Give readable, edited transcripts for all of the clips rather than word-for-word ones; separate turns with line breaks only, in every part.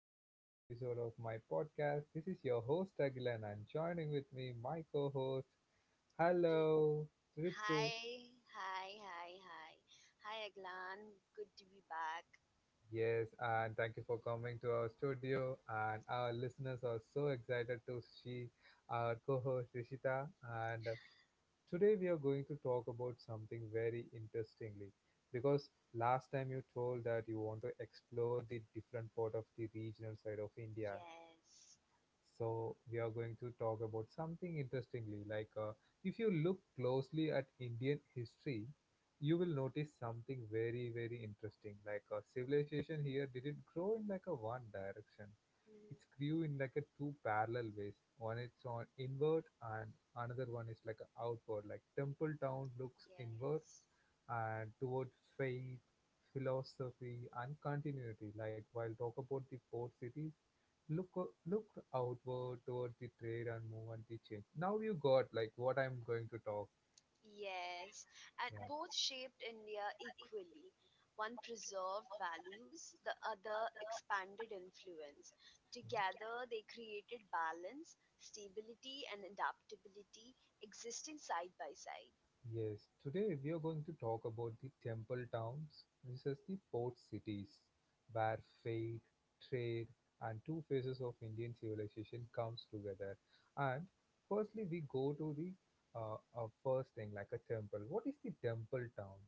to the another episode of my podcast. This is your host Agilan and joining with me my co-host.
Re-
Hello,
Hi,
Ritu.
hi, hi, hi. Hi, Aglan. Good to be back.
Yes, and thank you for coming to our studio. And our listeners are so excited to see our co-host Rishita. And today we are going to talk about something very interestingly because last time you told that you want to explore the different part of the regional side of India.
Yes.
So we are going to talk about something interestingly. Like if you look closely at Indian history, you will notice something very very interesting. Like civilization here didn't grow in like a one direction. It
Mhm.
grew in like a two parallel ways. One is on inward and another one is like a outward. Like Temple Town looks inward
Yes.
and toward faith, philosophy and continuity. Like while talk about the port cities look looked outward toward the trade and movement the change. Now you got like what I'm going to talk.
Yes. And
Yeah.
both shaped India equally. One preserved values, the other expanded influence. Together, they created balance, stability, and adaptability existing side by side.
Yes. Today we are going to talk about the temple towns versus the port cities, where faith, trade, and two phases of Indian civilization comes together. And firstly, we go to the first thing like a temple. What is the temple town?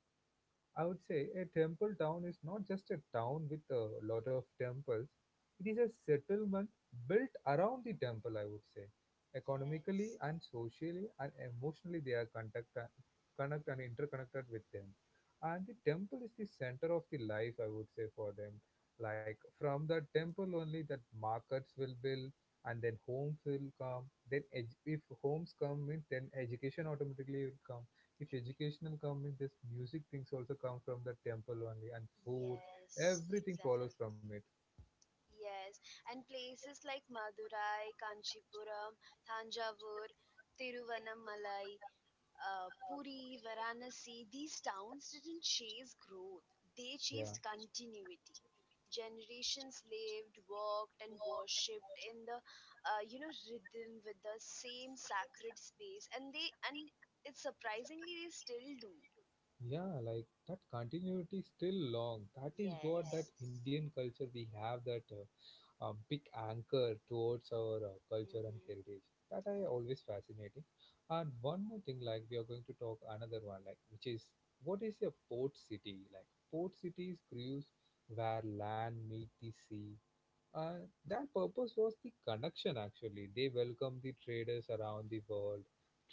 I would say a temple town is not just a town with a lot of temples, it is a settlement built around the temple, I would say. Economically
Yes.
and socially and emotionally, they are connect and interconnected with them. And the temple is the center of the life, I would say, for them. Like from the temple only, that markets will build and then homes will come. Then, if homes come, means then education automatically will come, if educational come in this, music things also come from the temple only, and food,
Yes,
everything follows
exactly.
from it.
Yes, and places like Madurai, Kanchipuram, Thanjavur, Tiruvannamalai, Puri, Varanasi, these towns didn't chase growth, they
Yeah.
chased continuity. Generations lived, worked, and worshipped in the rhythm with the same sacred space, and it's surprisingly they still do.
Yeah, like that continuity is still long. That is what that
Yes.
Indian culture we have, that big anchor towards our culture and
Hmm.
heritage. That I always fascinating. And one more thing, like we are going to talk another one, like which is, what is a port city? Like port cities cruise where land meet the sea. Uh, their purpose was the connection actually. They welcomed the traders around the world,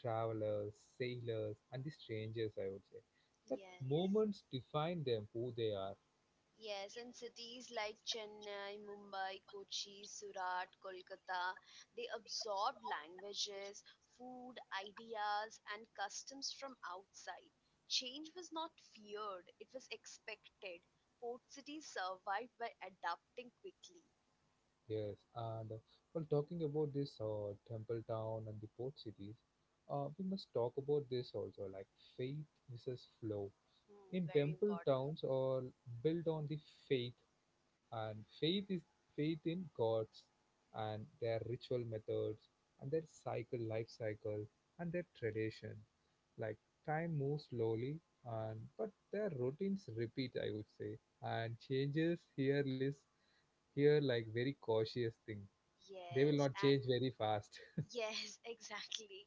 travelers, sailors, and the strangers, I would say. That
Yes.
moments define them, who they are.
Yes, and cities like Chennai, Mumbai, Kochi, Surat, Kolkata, they absorbed languages, food, ideas, and customs from outside. Change was not feared, it was expected. Port cities survived by adapting quickly.
Yes, and while talking about this temple town and the port cities, we must talk about this also, like faith versus flow.
Hmm,
In
very
temple
important.
towns, are built on the faith, and faith is faith in gods and their ritual methods and their cycle life cycle and their tradition. Like time moves slowly, and but their routines repeat, I would say, and changes here is here like very cautious thing. They will
Yes,
not
and
change very fast.
Yes, exactly.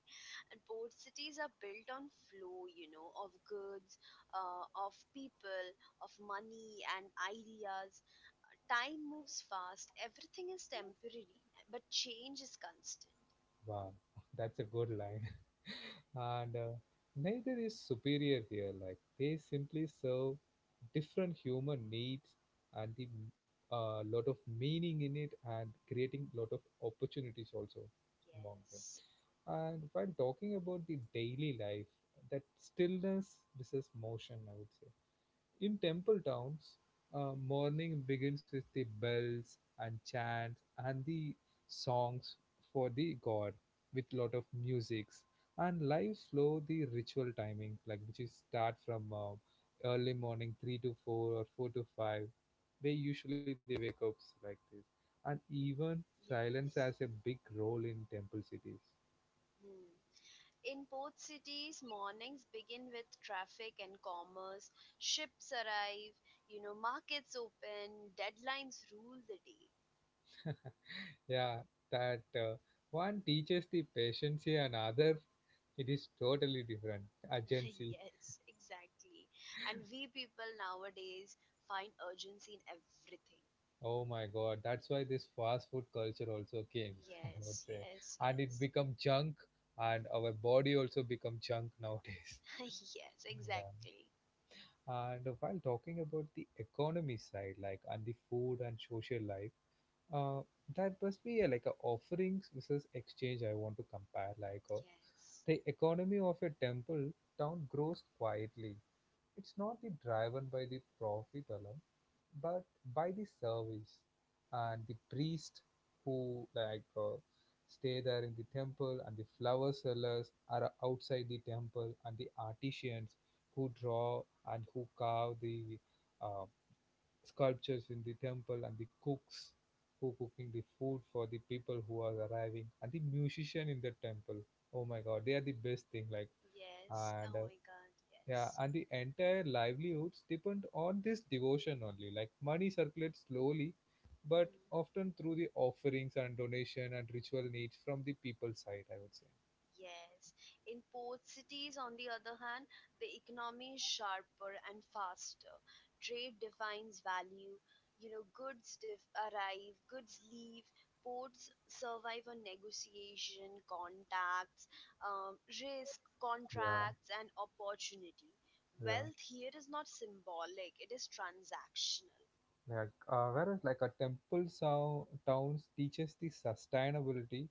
And port cities are built on flow, of goods, of people, of money and ideas. Time moves fast, everything is temporary, but change is constant.
Wow, that's a good line. And neither is superior here, like they simply serve different human needs, and the lot of meaning in it, and creating lot of opportunities also among them.
Yes,
And while talking about the daily life, that stillness versus motion, I would say, in temple towns, morning begins with the bells and chants and the songs for the god with lot of musics, and live slow the ritual timing, like which is start from early morning 3 to 4 or 4 to 5, they usually they wake up like this. And even silence
yes.
has a big role in temple cities.
Hmm. In port cities, mornings begin with traffic and commerce. Ships arrive, markets open, deadlines rule the day.
Yeah, that one teaches the patience and another. It is totally different. Agency.
Yes, exactly. And we people nowadays find urgency in everything.
Oh my god. That's why this fast food culture also came, I would
Yes,
say.
yes,
And it
yes.
become junk, and our body also become junk nowadays.
Yes,
Yeah.
exactly.
And while talking about the economy side, like and the food and social life, uh, that must be like a offerings versus exchange. I want to compare like
Yes,
the economy of a temple town grows quietly. It's not the driven by the profit alone, but by the service and the priest who like stay there in the temple, and the flower sellers are outside the temple, and the artisans who draw and who carve the uh, sculptures in the temple, and the cooks who cooking the food for the people who are arriving, and the musician in the temple. Oh my god, they are the best thing, like.
yes.
And
Oh my god,
yeah,
yes.
and the entire livelihoods depend on this devotion only. Like money circulates slowly, but
Hmm.
often through the offerings and donation and ritual needs from the people side, I would say.
Yes. In port cities, on the other hand, the economy is sharper and faster. Trade defines value. You know, goods arrive, goods leave. Ports survive on negotiation, contacts, risk,
Yeah,
contracts, and opportunity.
yeah,
Wealth here is not symbolic, it is transactional.
yeah. Whereas like a temple towns teaches the sustainability,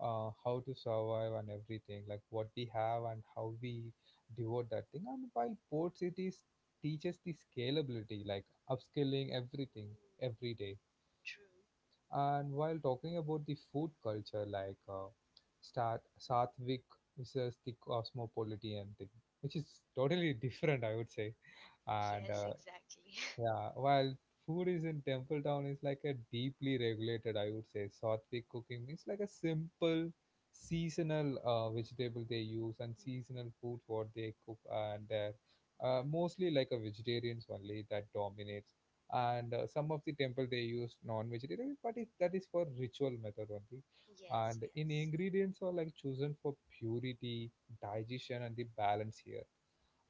how to survive and everything, like what we have and how we devote that thing. And while port cities teaches the scalability, like upscaling everything
Mm,
every day.
true.
And while talking about the food culture, like Satvik versus the cosmopolitan thing, which is totally different, I would say. And
Yes, exactly.
yeah, while food is in Temple Town is like a deeply regulated, I would say. Sattvic cooking means like a simple seasonal vegetable they use, and
Mm,
seasonal food what they cook and there. Mostly like a vegetarians only that dominates. And some of the temple they use non-vegetarian, but that is for ritual method only.
yes,
And in
yes.
ingredients are like chosen for purity, digestion, and the balance here.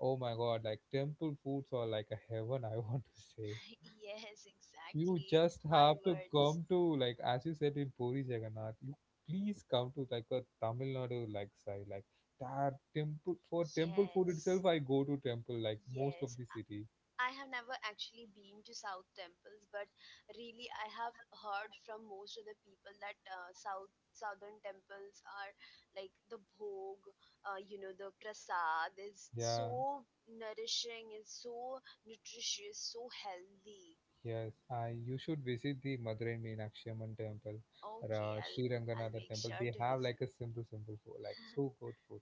Oh my god, like temple foods are like a heaven, I want to say.
Yes,
You
exactly.
just
My
have to
words.
come to, like, as you said in Puri Jagannath, you please come to like a Tamil Nadu like side. Like that temple, for temple food
Yes.
itself I go to temple like most of
Yes.
the city.
I have never actually been to South temples, but really I have heard from most of the people that Southern temples are like the bhog, the prasad is
Yeah,
so nourishing, is so nutritious, so healthy.
yes. I You should visit the Madurai Meenakshi Amman temple,
Okay,
Ra
I'll
Sri
I'll
Ranganatha
make
temple.
sure
They
to
have
visit.
like a simple, simple food, like so good food.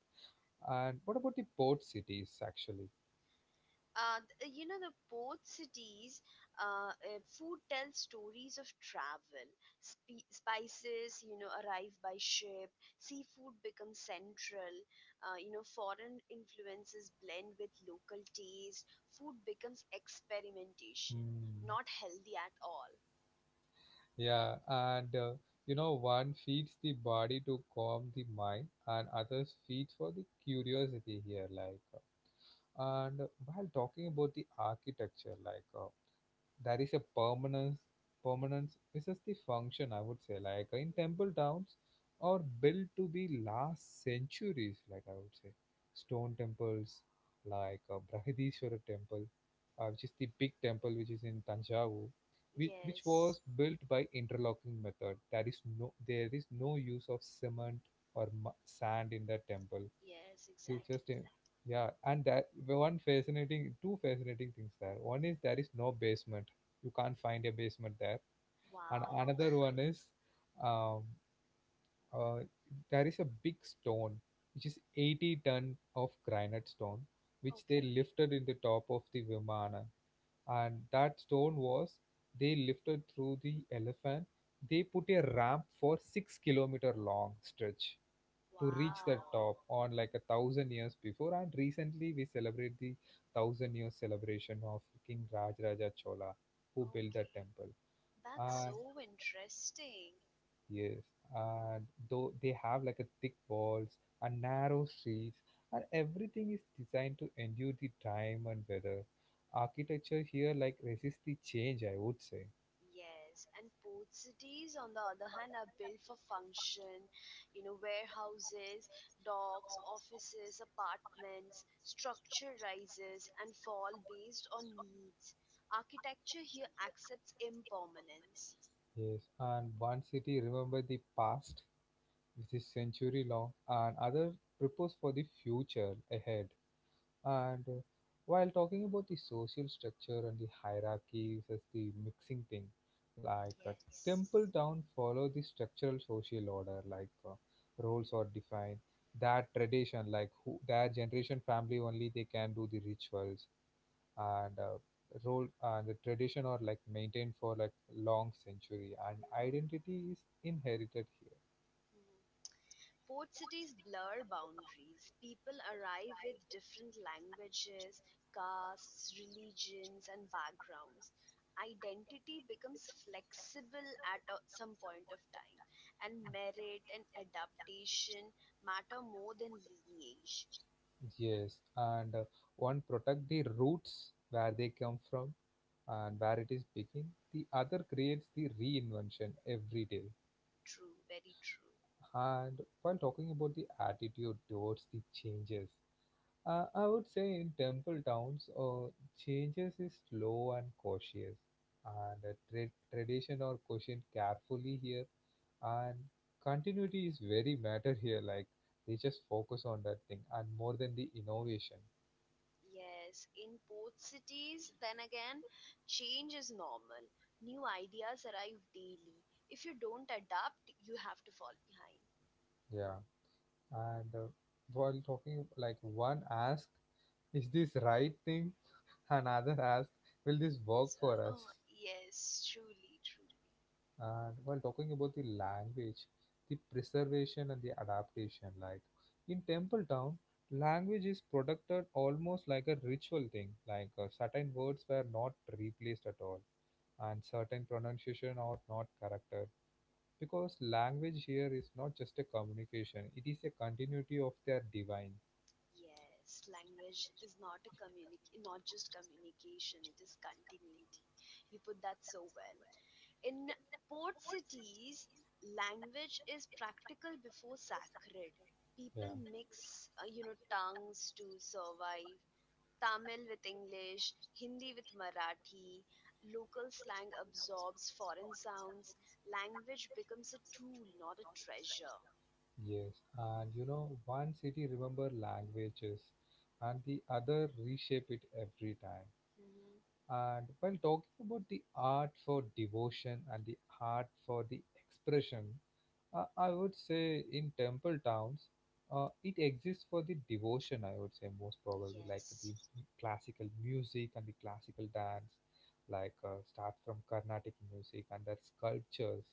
And what about the port cities actually?
The both cities, food tells stories of travel. Spices arrive by ship. Seafood becomes central. Foreign influences blend with local taste. Food becomes experimentation,
Hmm.
not healthy at all.
Yeah, and one feeds the body to calm the mind, and others feeds for the curiosity here. Like, and while talking about the architecture, like there is a permanence, this is the function, I would say. Like in temple
Mhm.
towns are built to be last centuries, like I would say. Stone temples, like Brahadishwara temple, which is the big temple which is in Tanjavur, which
Yes,
was built by interlocking method. There is no use of cement or sand in that temple.
yes, exactly.
Teachers team. Yeah, and that one fascinating, two fascinating things there. One is there is no basement. You can't find a basement there. And
Wow.
another one is, um, uh, there is a big stone which is 80 ton of granite stone, which they
Okay.
lifted in the top of the Vimana. And that stone was they lifted through the elephant. They put a ramp for 6 km long stretch to reach the
Wow.
top on like a 1,000 years before, and recently we celebrate the 1,000-year celebration of king Rajaraja Chola who built the
Okay,
temple,
that's
and
so interesting.
yes. And though they have like a thick walls and narrow streets, and everything is designed to endure the time and weather. Architecture here like resists the change, I would say.
Yes, and port cities, on the other hand, are built for function. You know, warehouses, docks, offices, apartments, structure rises and fall based on needs. Architecture here accepts impermanence.
Yes, and one city remember the past, this is century long, and others propose for the future ahead. And while talking about the social structure and the hierarchies as the mixing thing, like a
Yes.
temple town follow the structural social order, like roles are defined. That tradition, like who, that generation family only they can do the rituals, and role and the tradition are like maintained for like long century, and identity is inherited here.
Mhm. Port cities blur boundaries; people arrive with different languages, castes, religions, and backgrounds. Identity becomes flexible at some point of time, and merit and adaptation matter more than lineage.
Yes, and one protect the roots where they come from and where it is begin. The other creates the reinvention every day.
True, very true.
And while talking about the attitude towards the changes, I would say in temple towns, changes is slow and cautious, and tradition or caution carefully here, and continuity is very matter here. Like they just focus on that thing and more than the innovation.
Yes, in port cities, then again, change is normal. New ideas arrive daily. If you don't adapt, you have to fall behind.
Yeah. And while talking, like one asked, "Is this right thing?" Another asked, "Will this work for us?"
Oh yes, truly, truly,
And while talking about the language, the preservation and the adaptation, like in Temple Town, language is protected almost like a ritual thing. Like certain words were not replaced at all, and certain pronunciation are not corrected, because language here is not just a communication; it is a continuity of their divine.
yes. Language is not a communic, not just communication. It is continuity. You put that so well. In port cities, language is practical before sacred.
Yeah.
People mix tongues to survive. Tamil with English, Hindi with Marathi. Local slang absorbs foreign sounds. Language becomes a tool, not a treasure.
Yes, and one city remember languages and the other reshape it every time.
Mm-hmm.
And while talking about the art for devotion and the art for the expression, I would say in temple towns, it exists for the devotion, I would say, most probably, like
Yes,
the classical music and the classical dance, like start from Carnatic music and their sculptures.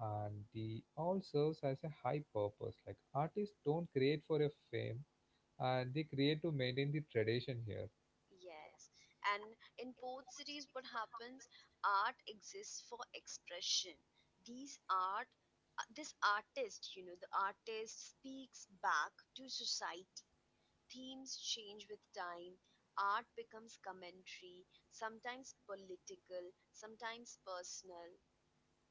And the all serves as a high purpose. Like artists don't create for a fame, and they create to maintain the tradition here.
yes. And in both cities, what happens? Art exists for expression. These art, this artist, you know, the artist speaks back to society. Themes change with time. Art becomes commentary, sometimes political, sometimes personal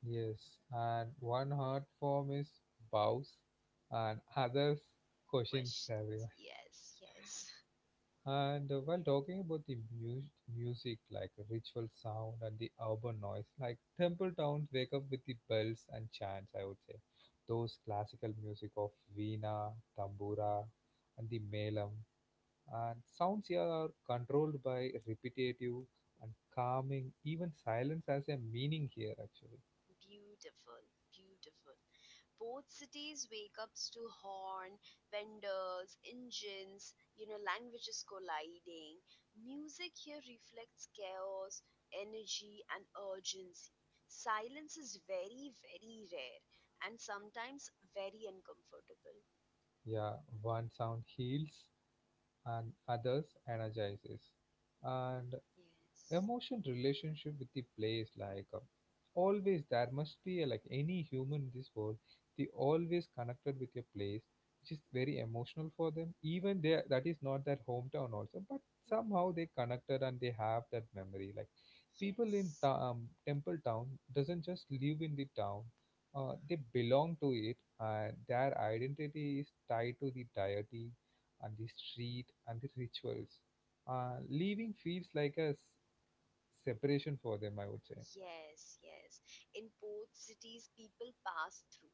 Yes, and one art form is bows, and others questions everyone.
questions. Yes, yes.
And while talking about the music, like ritual sound and the urban noise, like temple towns wake up with the bells and chants, I would say. Those classical music of veena, tambura, and the melam. And sounds here are controlled by repetitive and calming, even silence has a meaning here, actually.
Beautiful, beautiful. Both cities wake up to horn, vendors, engines, languages colliding. Music here reflects chaos, energy, and urgency. Silence is very, very rare and sometimes very uncomfortable.
Yeah, one sound heals and others energizes. And
Yes.
emotion relationship with the place like always there must be a, like any human in this world they always connected with a place which is very emotional for them even there that is not their hometown also but
Mhm.
somehow they connected and they have that memory like people in
Yes.
temple town doesn't just live in the town, they belong to it, and their identity is tied to the deity and the street and the rituals. Leaving feels like a separation for them, I would say.
Yes, yes. In port cities, people pass through.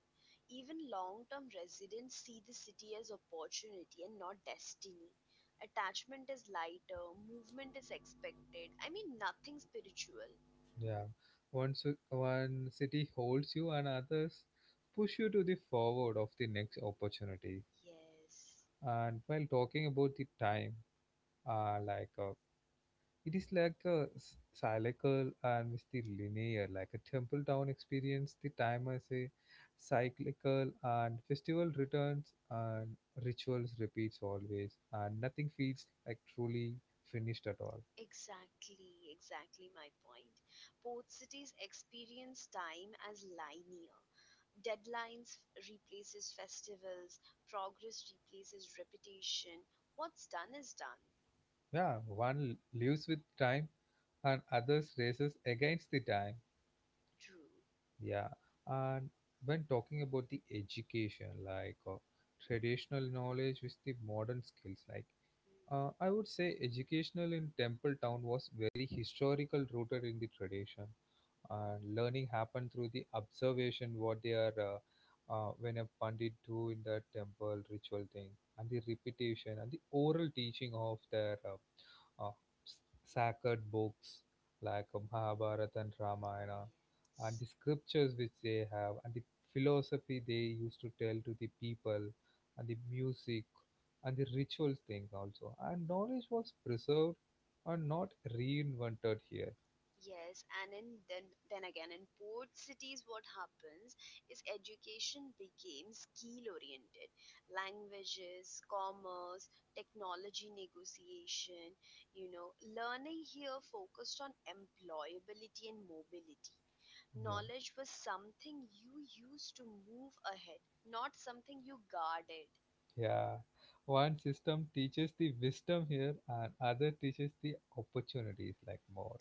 Even long term residents see the city as opportunity and not destiny. Attachment is lighter, movement is expected. I mean, nothing spiritual.
Yeah, one city holds you and others push you to the forward of the next opportunity.
Yes,
And while talking about the time, uh, like uh, it is like a cyclical and with the linear, like a temple town experience the time, I say, cyclical, and festival returns and rituals repeats always, and nothing feels like truly finished at all.
exactly, exactly my point. Port cities experience time as linear. Deadlines replaces festivals, progress replaces repetition. What's done is done.
Yeah, one lives with time and others races against the time.
True.
Yeah, and when talking about the education, like traditional knowledge with the modern skills, like I would say educational in Temple Town was very historical rooted in the tradition. And learning happened through the observation what they are when a pandit do in that temple ritual thing, and the repetition and the oral teaching of their s- sacred books like Mahabharata and Ramayana, and
Yes,
the scriptures which they have, and the philosophy they used to tell to the people, and the music and the rituals thing also. And knowledge was preserved and not reinvented here.
yes, and in then again in port cities, what happens is education became skill oriented. Languages, commerce, technology negotiation, learning here focused on employability and mobility.
Yeah.
Knowledge was something you used to move ahead, not something you guarded.
Yeah. One system teaches the wisdom here and other teaches the opportunities like more.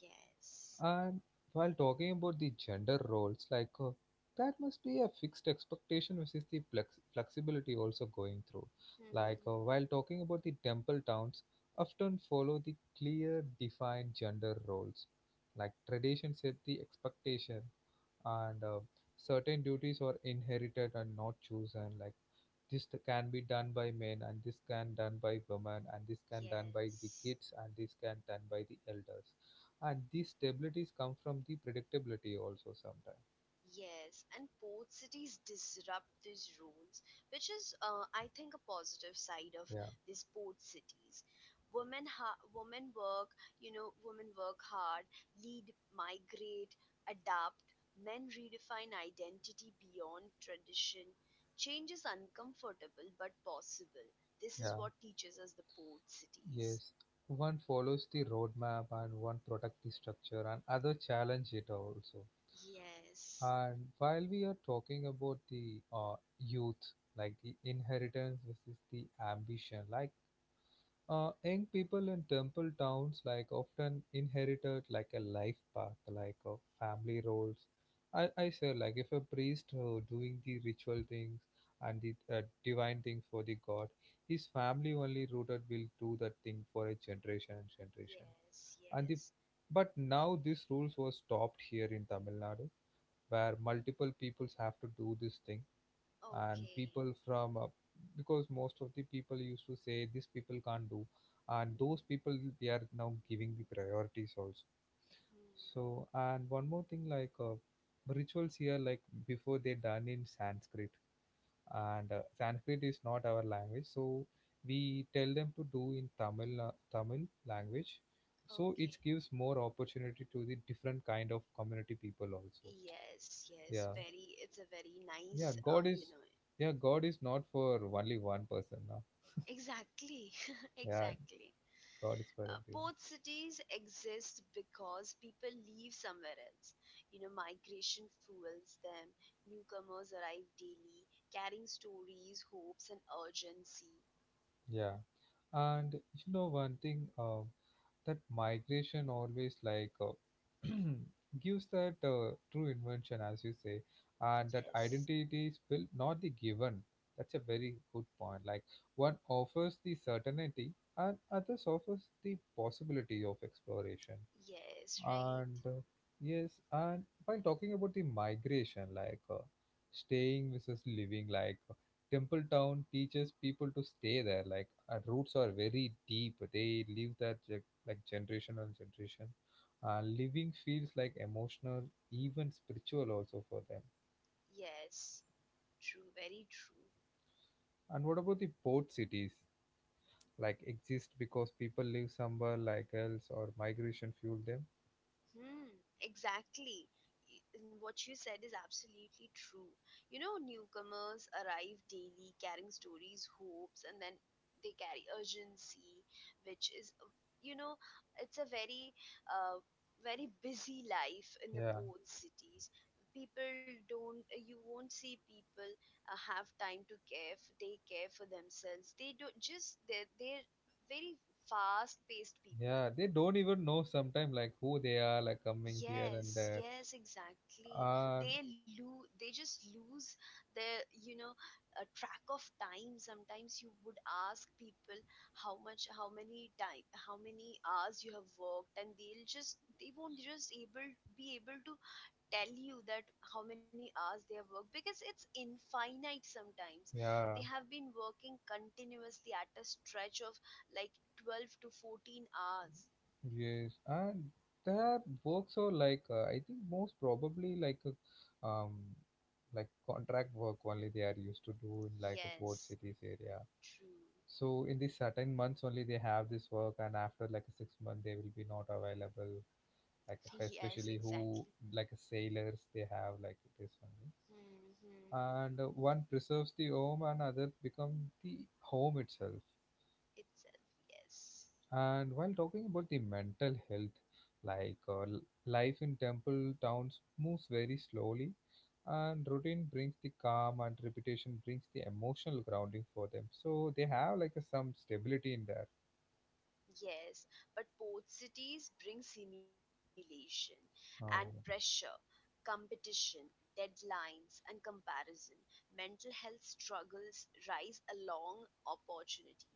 Yes.
And while talking about the gender roles, like that must be a fixed expectation which is the flexibility also going through. Like while talking about the temple towns, often follow the clear defined gender roles, like tradition set the expectation, and certain duties are inherited and not chosen, like this can be done by men, and this can done by women, and this can done by the
Yes.
kids, and this can done by the elders, and these stabilities come from the predictability also sometimes.
Yes, and port cities disrupt these rules, which is, I think, a positive side of
Yeah.
these port cities. Women, ha- women work, you know, women work hard, lead, migrate, adapt. Men redefine identity beyond tradition. Change is uncomfortable but possible. This is
Yeah.
what teaches us the port cities.
Yes, one follows the roadmap, and one protect the structure and other challenge it also.
Yes,
And while we are talking about the youth, like the inheritance versus the ambition, like young people in temple towns like often inherited like a life path, like family roles. I say, like if a priest doing the ritual things and the divine thing for the god, his family only rooted will do that thing for a generation and generation.
yes,
And the
yes.
but now this rules was stopped here in Tamil Nadu, where multiple peoples have to do this thing, and
Okay.
people from because most of the people used to say these people can't do, and those people they are now giving the priorities also.
Hmm.
So, and one more thing, like rituals here, like before they done in Sanskrit, and Sanskrit is not our language, so we tell them to do in Tamil, Tamil language, so it
Okay.
gives more opportunity to the different kind of community people also.
Yes, yes,
Yeah,
very. It's a very nice,
yeah,
uh,
God is,
you know,
yeah, God is not for only one person.
Exactly,
Yeah,
exactly.
God is for
Uh,
everyone.
both cities exist because people leave somewhere else. You know, migration fuels them. Newcomers arrive daily, carrying stories, hopes, and urgency.
Yeah, and you know one thing, that migration always like gives that true invention, as you say, and that
Yes,
identity is built not the given. That's a very good point. Like one offers the certainty, and others offers the possibility of exploration.
yes, right?
And yes, and while talking about the migration, like staying versus living, like temple town teaches people to stay there, like roots are very deep, they live that like generation on generation. Living feels like emotional, even spiritual also for them.
Yes, true, very true.
And what about the port cities, like exist because people live somewhere like else, or migration fueled them.
Hmm, exactly. And what you said is absolutely true. You know, newcomers arrive daily carrying stories, hopes, and then they carry urgency, which is, you know, it's a very, uh, very busy life in the
Yeah.
port cities. People don't, you won't see people have time to take care for themselves. They don't just, they're very fast paced
Yeah,
people.
they don't even know sometimes like who they are, like coming here and
Yes,
there.
yes, exactly.
And
They just lose their track of time. Sometimes you would ask people how much, how many time, how many hours you have worked, and they won't just able be able to tell you that how many hours they have worked because it's infinite. Sometimes
yeah,
they have been working continuously at a stretch of like 12 to 14 hours.
yes, and that works are like I think most probably like contract work only they are used to do in like a port
Yes,
cities area.
true.
So in these certain months only they have this work, and after like a 6 months they will be not available. Like especially
Yes,
who
exactly.
like sailors they have like this one.
Mm-hmm.
And one preserves the home and other become the home itself.
Itself, yes.
And while talking about the mental health, like life in temple towns moves very slowly, and routine brings the calm, and repetition brings the emotional grounding for them, so they have like a, some stability in there.
Yes, but port cities bring simulation and
Oh.
pressure, competition, deadlines, and comparison. Mental health struggles rise along opportunity.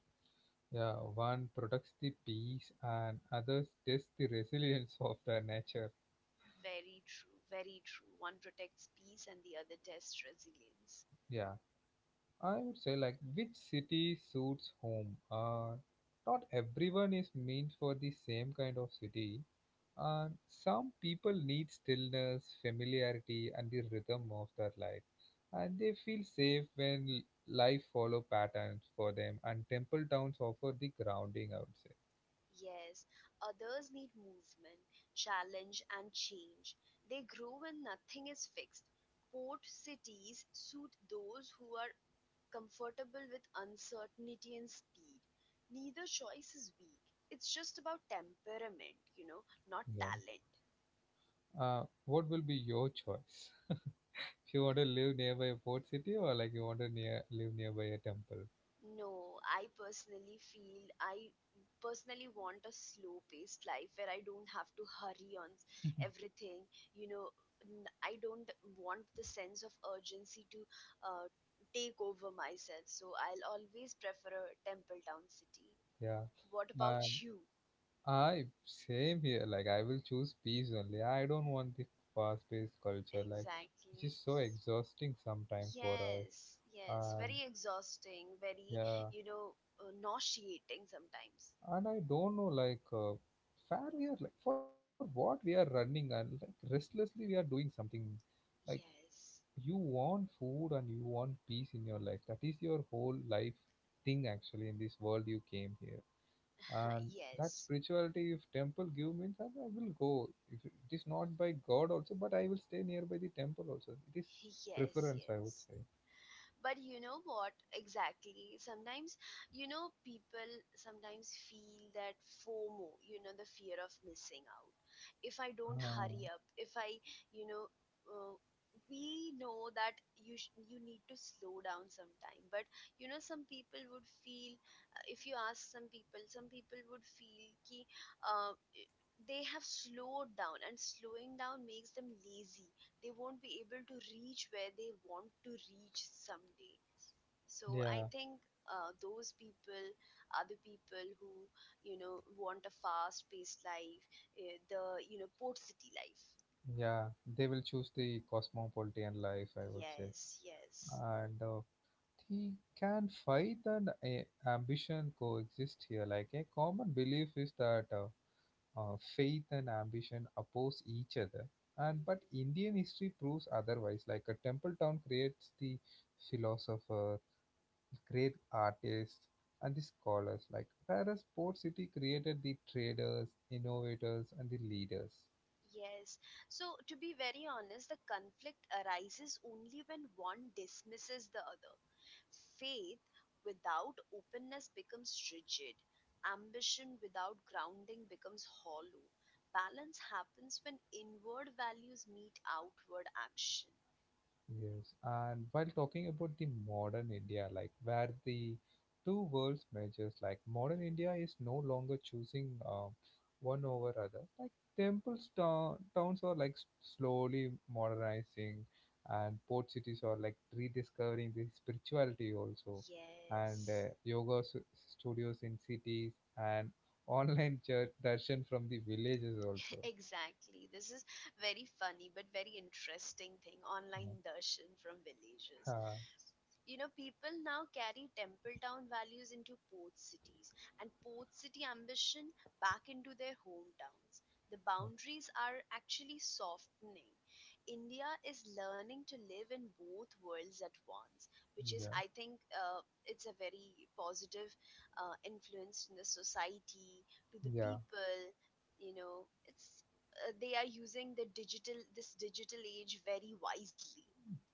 Yeah, one protects the peace and others test the resilience of the nature.
Very true, very true. One protects peace and the other tests resilience.
Yeah, I would say like which city suits home. Not everyone is meant for the same kind of city, and some people need stillness, familiarity, and the rhythm of their life, and they feel safe when life follow patterns for them. And temple towns offer the grounding, I would say.
Yes, others need movement, challenge, and change. They grow when nothing is fixed. Port cities suit those who are comfortable with uncertainty and speed. Neither choice is weak. It's just about temperament, not
Yeah.
talent.
What will be your choice? If you want to live nearby a port city, or like you want to near live nearby a temple?
No, I personally want a slow paced life where I don't have to hurry on everything. You know, I don't want the sense of urgency to uh, take over myself. So I'll always prefer a temple town city.
Yeah.
What about
And.
you?
I same here. Like I will choose peace only. I don't want this fast-paced culture, like which
Exactly.
is so exhausting sometimes for us.
Yes, yes.
And
Very exhausting, very,
yeah,
you know, nauseating sometimes.
and I don't know like where we are, like for what we are running, and like restlessly we are doing something. Like
Yes.
you want food and you want peace in your life. That is your whole life thing actually in this world you came here. And that
Yes.
spirituality, if temple give me that, I will go, if it is not by god also, but I will stay nearby the temple also, it is
Yes,
preference, I would
yes.
say.
But you know what exactly? Sometimes, people sometimes feel that FOMO, the fear of missing out. If I don't
Ah,
hurry up, if I, you know, uh, we know that you need to slow down sometime. But you know, some people would if you ask some people would feel uh, they have slowed down, and slowing down makes them lazy they won't be able to reach where they want to reach someday. So I
yeah,
think those people are the people who want a fast-paced life, the port city life.
yeah, they will choose the cosmopolitan life, I would say.
Yes, yes.
And the can faith and a ambition coexist here, like a common belief is that faith and ambition oppose each other, and but
Mhm.
Indian history proves otherwise, like a temple town creates the philosopher, great artists, and the scholars, like whereas port city created the traders, innovators, and the leaders.
Yes. So, to be very honest, the conflict arises only when one dismisses the other. Faith without openness becomes rigid. Ambition without grounding becomes hollow. Balance happens when inward values meet outward action.
Yes, and while talking about the modern India, like where the two worlds merges, like modern India
Mhm.
is no longer choosing one over other. Like temples, town, towns are like slowly modernizing, and port cities are like rediscovering the spirituality also, and
Yes.
yoga studios in cities, and online church darshan from the villages also.
Exactly. This is very funny but very interesting thing. Online darshan from villages.
Yeah,
You know, people now carry temple town values into port cities, and port city ambition back into their hometowns. The boundaries are actually softening. India is learning to live in both worlds at once, which is
yeah,
I think it's a very positive influence in the society to the
yeah.
people. You know, it's they are using the digital this digital age very wisely.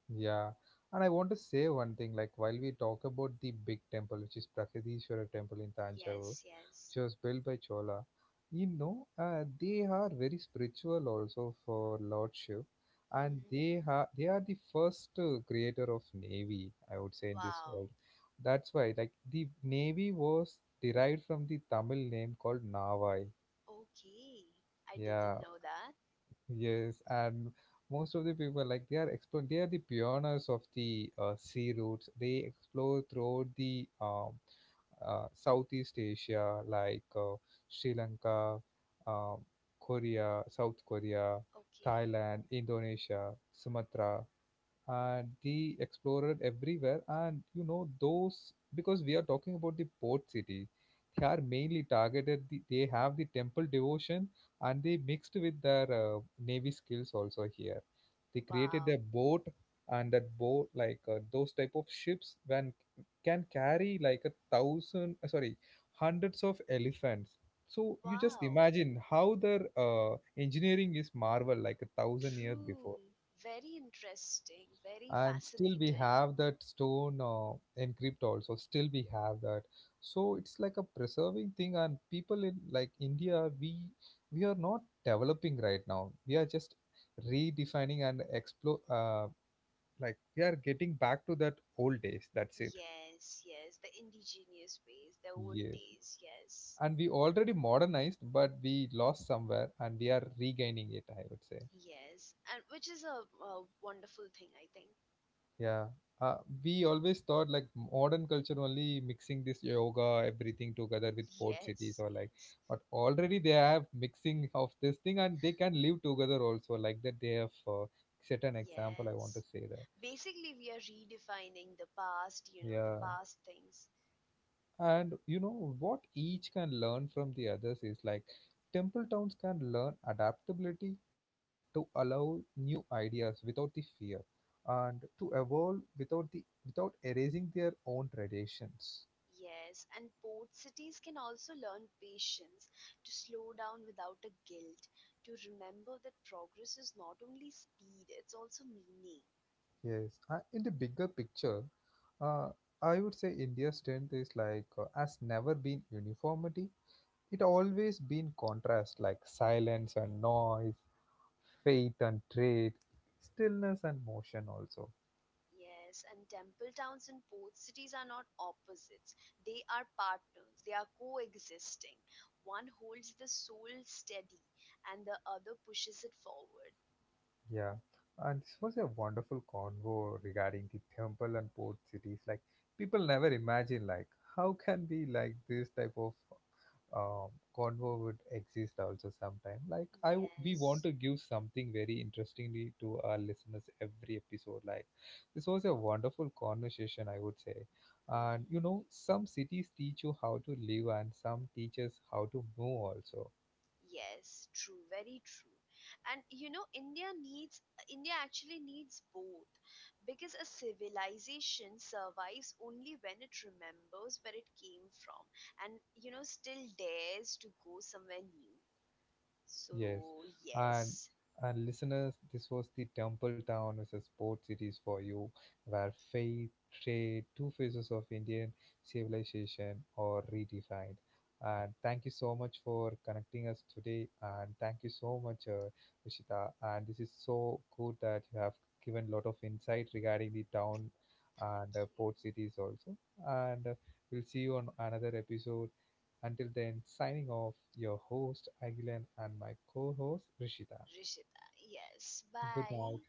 Yeah, and I want to say one thing, like while we talk about the big temple, which is Prakadishwara temple in Tanjavur,
Yes,
which
yes.
was built by Chola, you know, they are very spiritual also for Lord Shiv, and
Hmm.
they are the first creator of navy, I would say, in this
Wow.
world. That's why like the navy was derived from the Tamil name called Navai.
Okay. I
Yeah.
didn't know that.
Yes, and most of the people like they are explore. They are the pioneers of the sea routes. They explore throughout the Southeast Asia, like Sri Lanka, um, Korea, South Korea,
Okay.
Thailand, Indonesia, Sumatra, and the explorer everywhere. And you know those, because we are talking about the port city, they are mainly targeted the, they have the temple devotion, and they mixed with their navy skills also here, they created
Wow.
their boat. And that boat, like those type of ships when can carry like a thousand sorry, hundreds of elephants. So you just
Wow.
imagine how their engineering is marvel, like a thousand years before.
True. Very interesting. Very
And still we
fascinating.
have that stone encrypt also, still we have that. So it's like a preserving thing, and people in like India, we are not developing right now, we are just redefining and explore, like we are getting back to that old days, that's it.
Yes, yes. The indigenous ways, the old
Yes,
days. Yes.
and we already modernized, but we lost somewhere, and we are regaining it, I would say.
Yes. And which is a wonderful thing, I think.
Yeah. Uh, we always thought like modern culture only mixing this yoga, everything together with port cities,
Yes,
or like,
yes.
but already they have mixing of this thing, and they can live together also like that. They have, set an example, I want
Yes.
to say that.
Basically, we are redefining the past, the
Yeah.
past things.
And you know what each can learn from the others is like temple towns can learn adaptability, to allow new ideas without the fear, and to evolve without the without erasing their own traditions.
Yes, and port cities can also learn patience, to slow down without a guilt, to remember that progress is not only speed, it's also meaning.
Yes, in the bigger picture, uh, I would say India's strength is like has never been uniformity. It always been contrast, like silence and noise, faith and trade, stillness and motion also.
Yes, and temple towns and port cities are not opposites. They are partners, they are coexisting. One holds the soul steady and the other pushes it forward.
Yeah, and this was a wonderful convo regarding the temple and port cities. Like people never imagine like how can be like this type of um, convo would exist also sometime. Like we want
Yes.
to give something very interestingly to our listeners every episode. Like this was a wonderful conversation, I would say. And you know, some cities teach you how to live, and some teaches how to move also.
Yes, true, very true. And you know, India actually needs both because a civilization survives only when it remembers where it came from and, still dares to go somewhere new.
Yes,
So,
and
yes,
and listeners, this was the Temple Town as a sports cities for you, where faith, trade, two phases of Indian civilization are redefined. And thank you so much for connecting us today, and thank you so much, Vishita. And this is so good that you have given lot of insight regarding the town
thank
and
you,
port cities also. And we'll see you on another episode. Until then, signing off, your host Agilan and my co host Rishita.
Rishita. Yes,
Good night.
bye.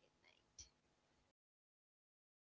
Good night.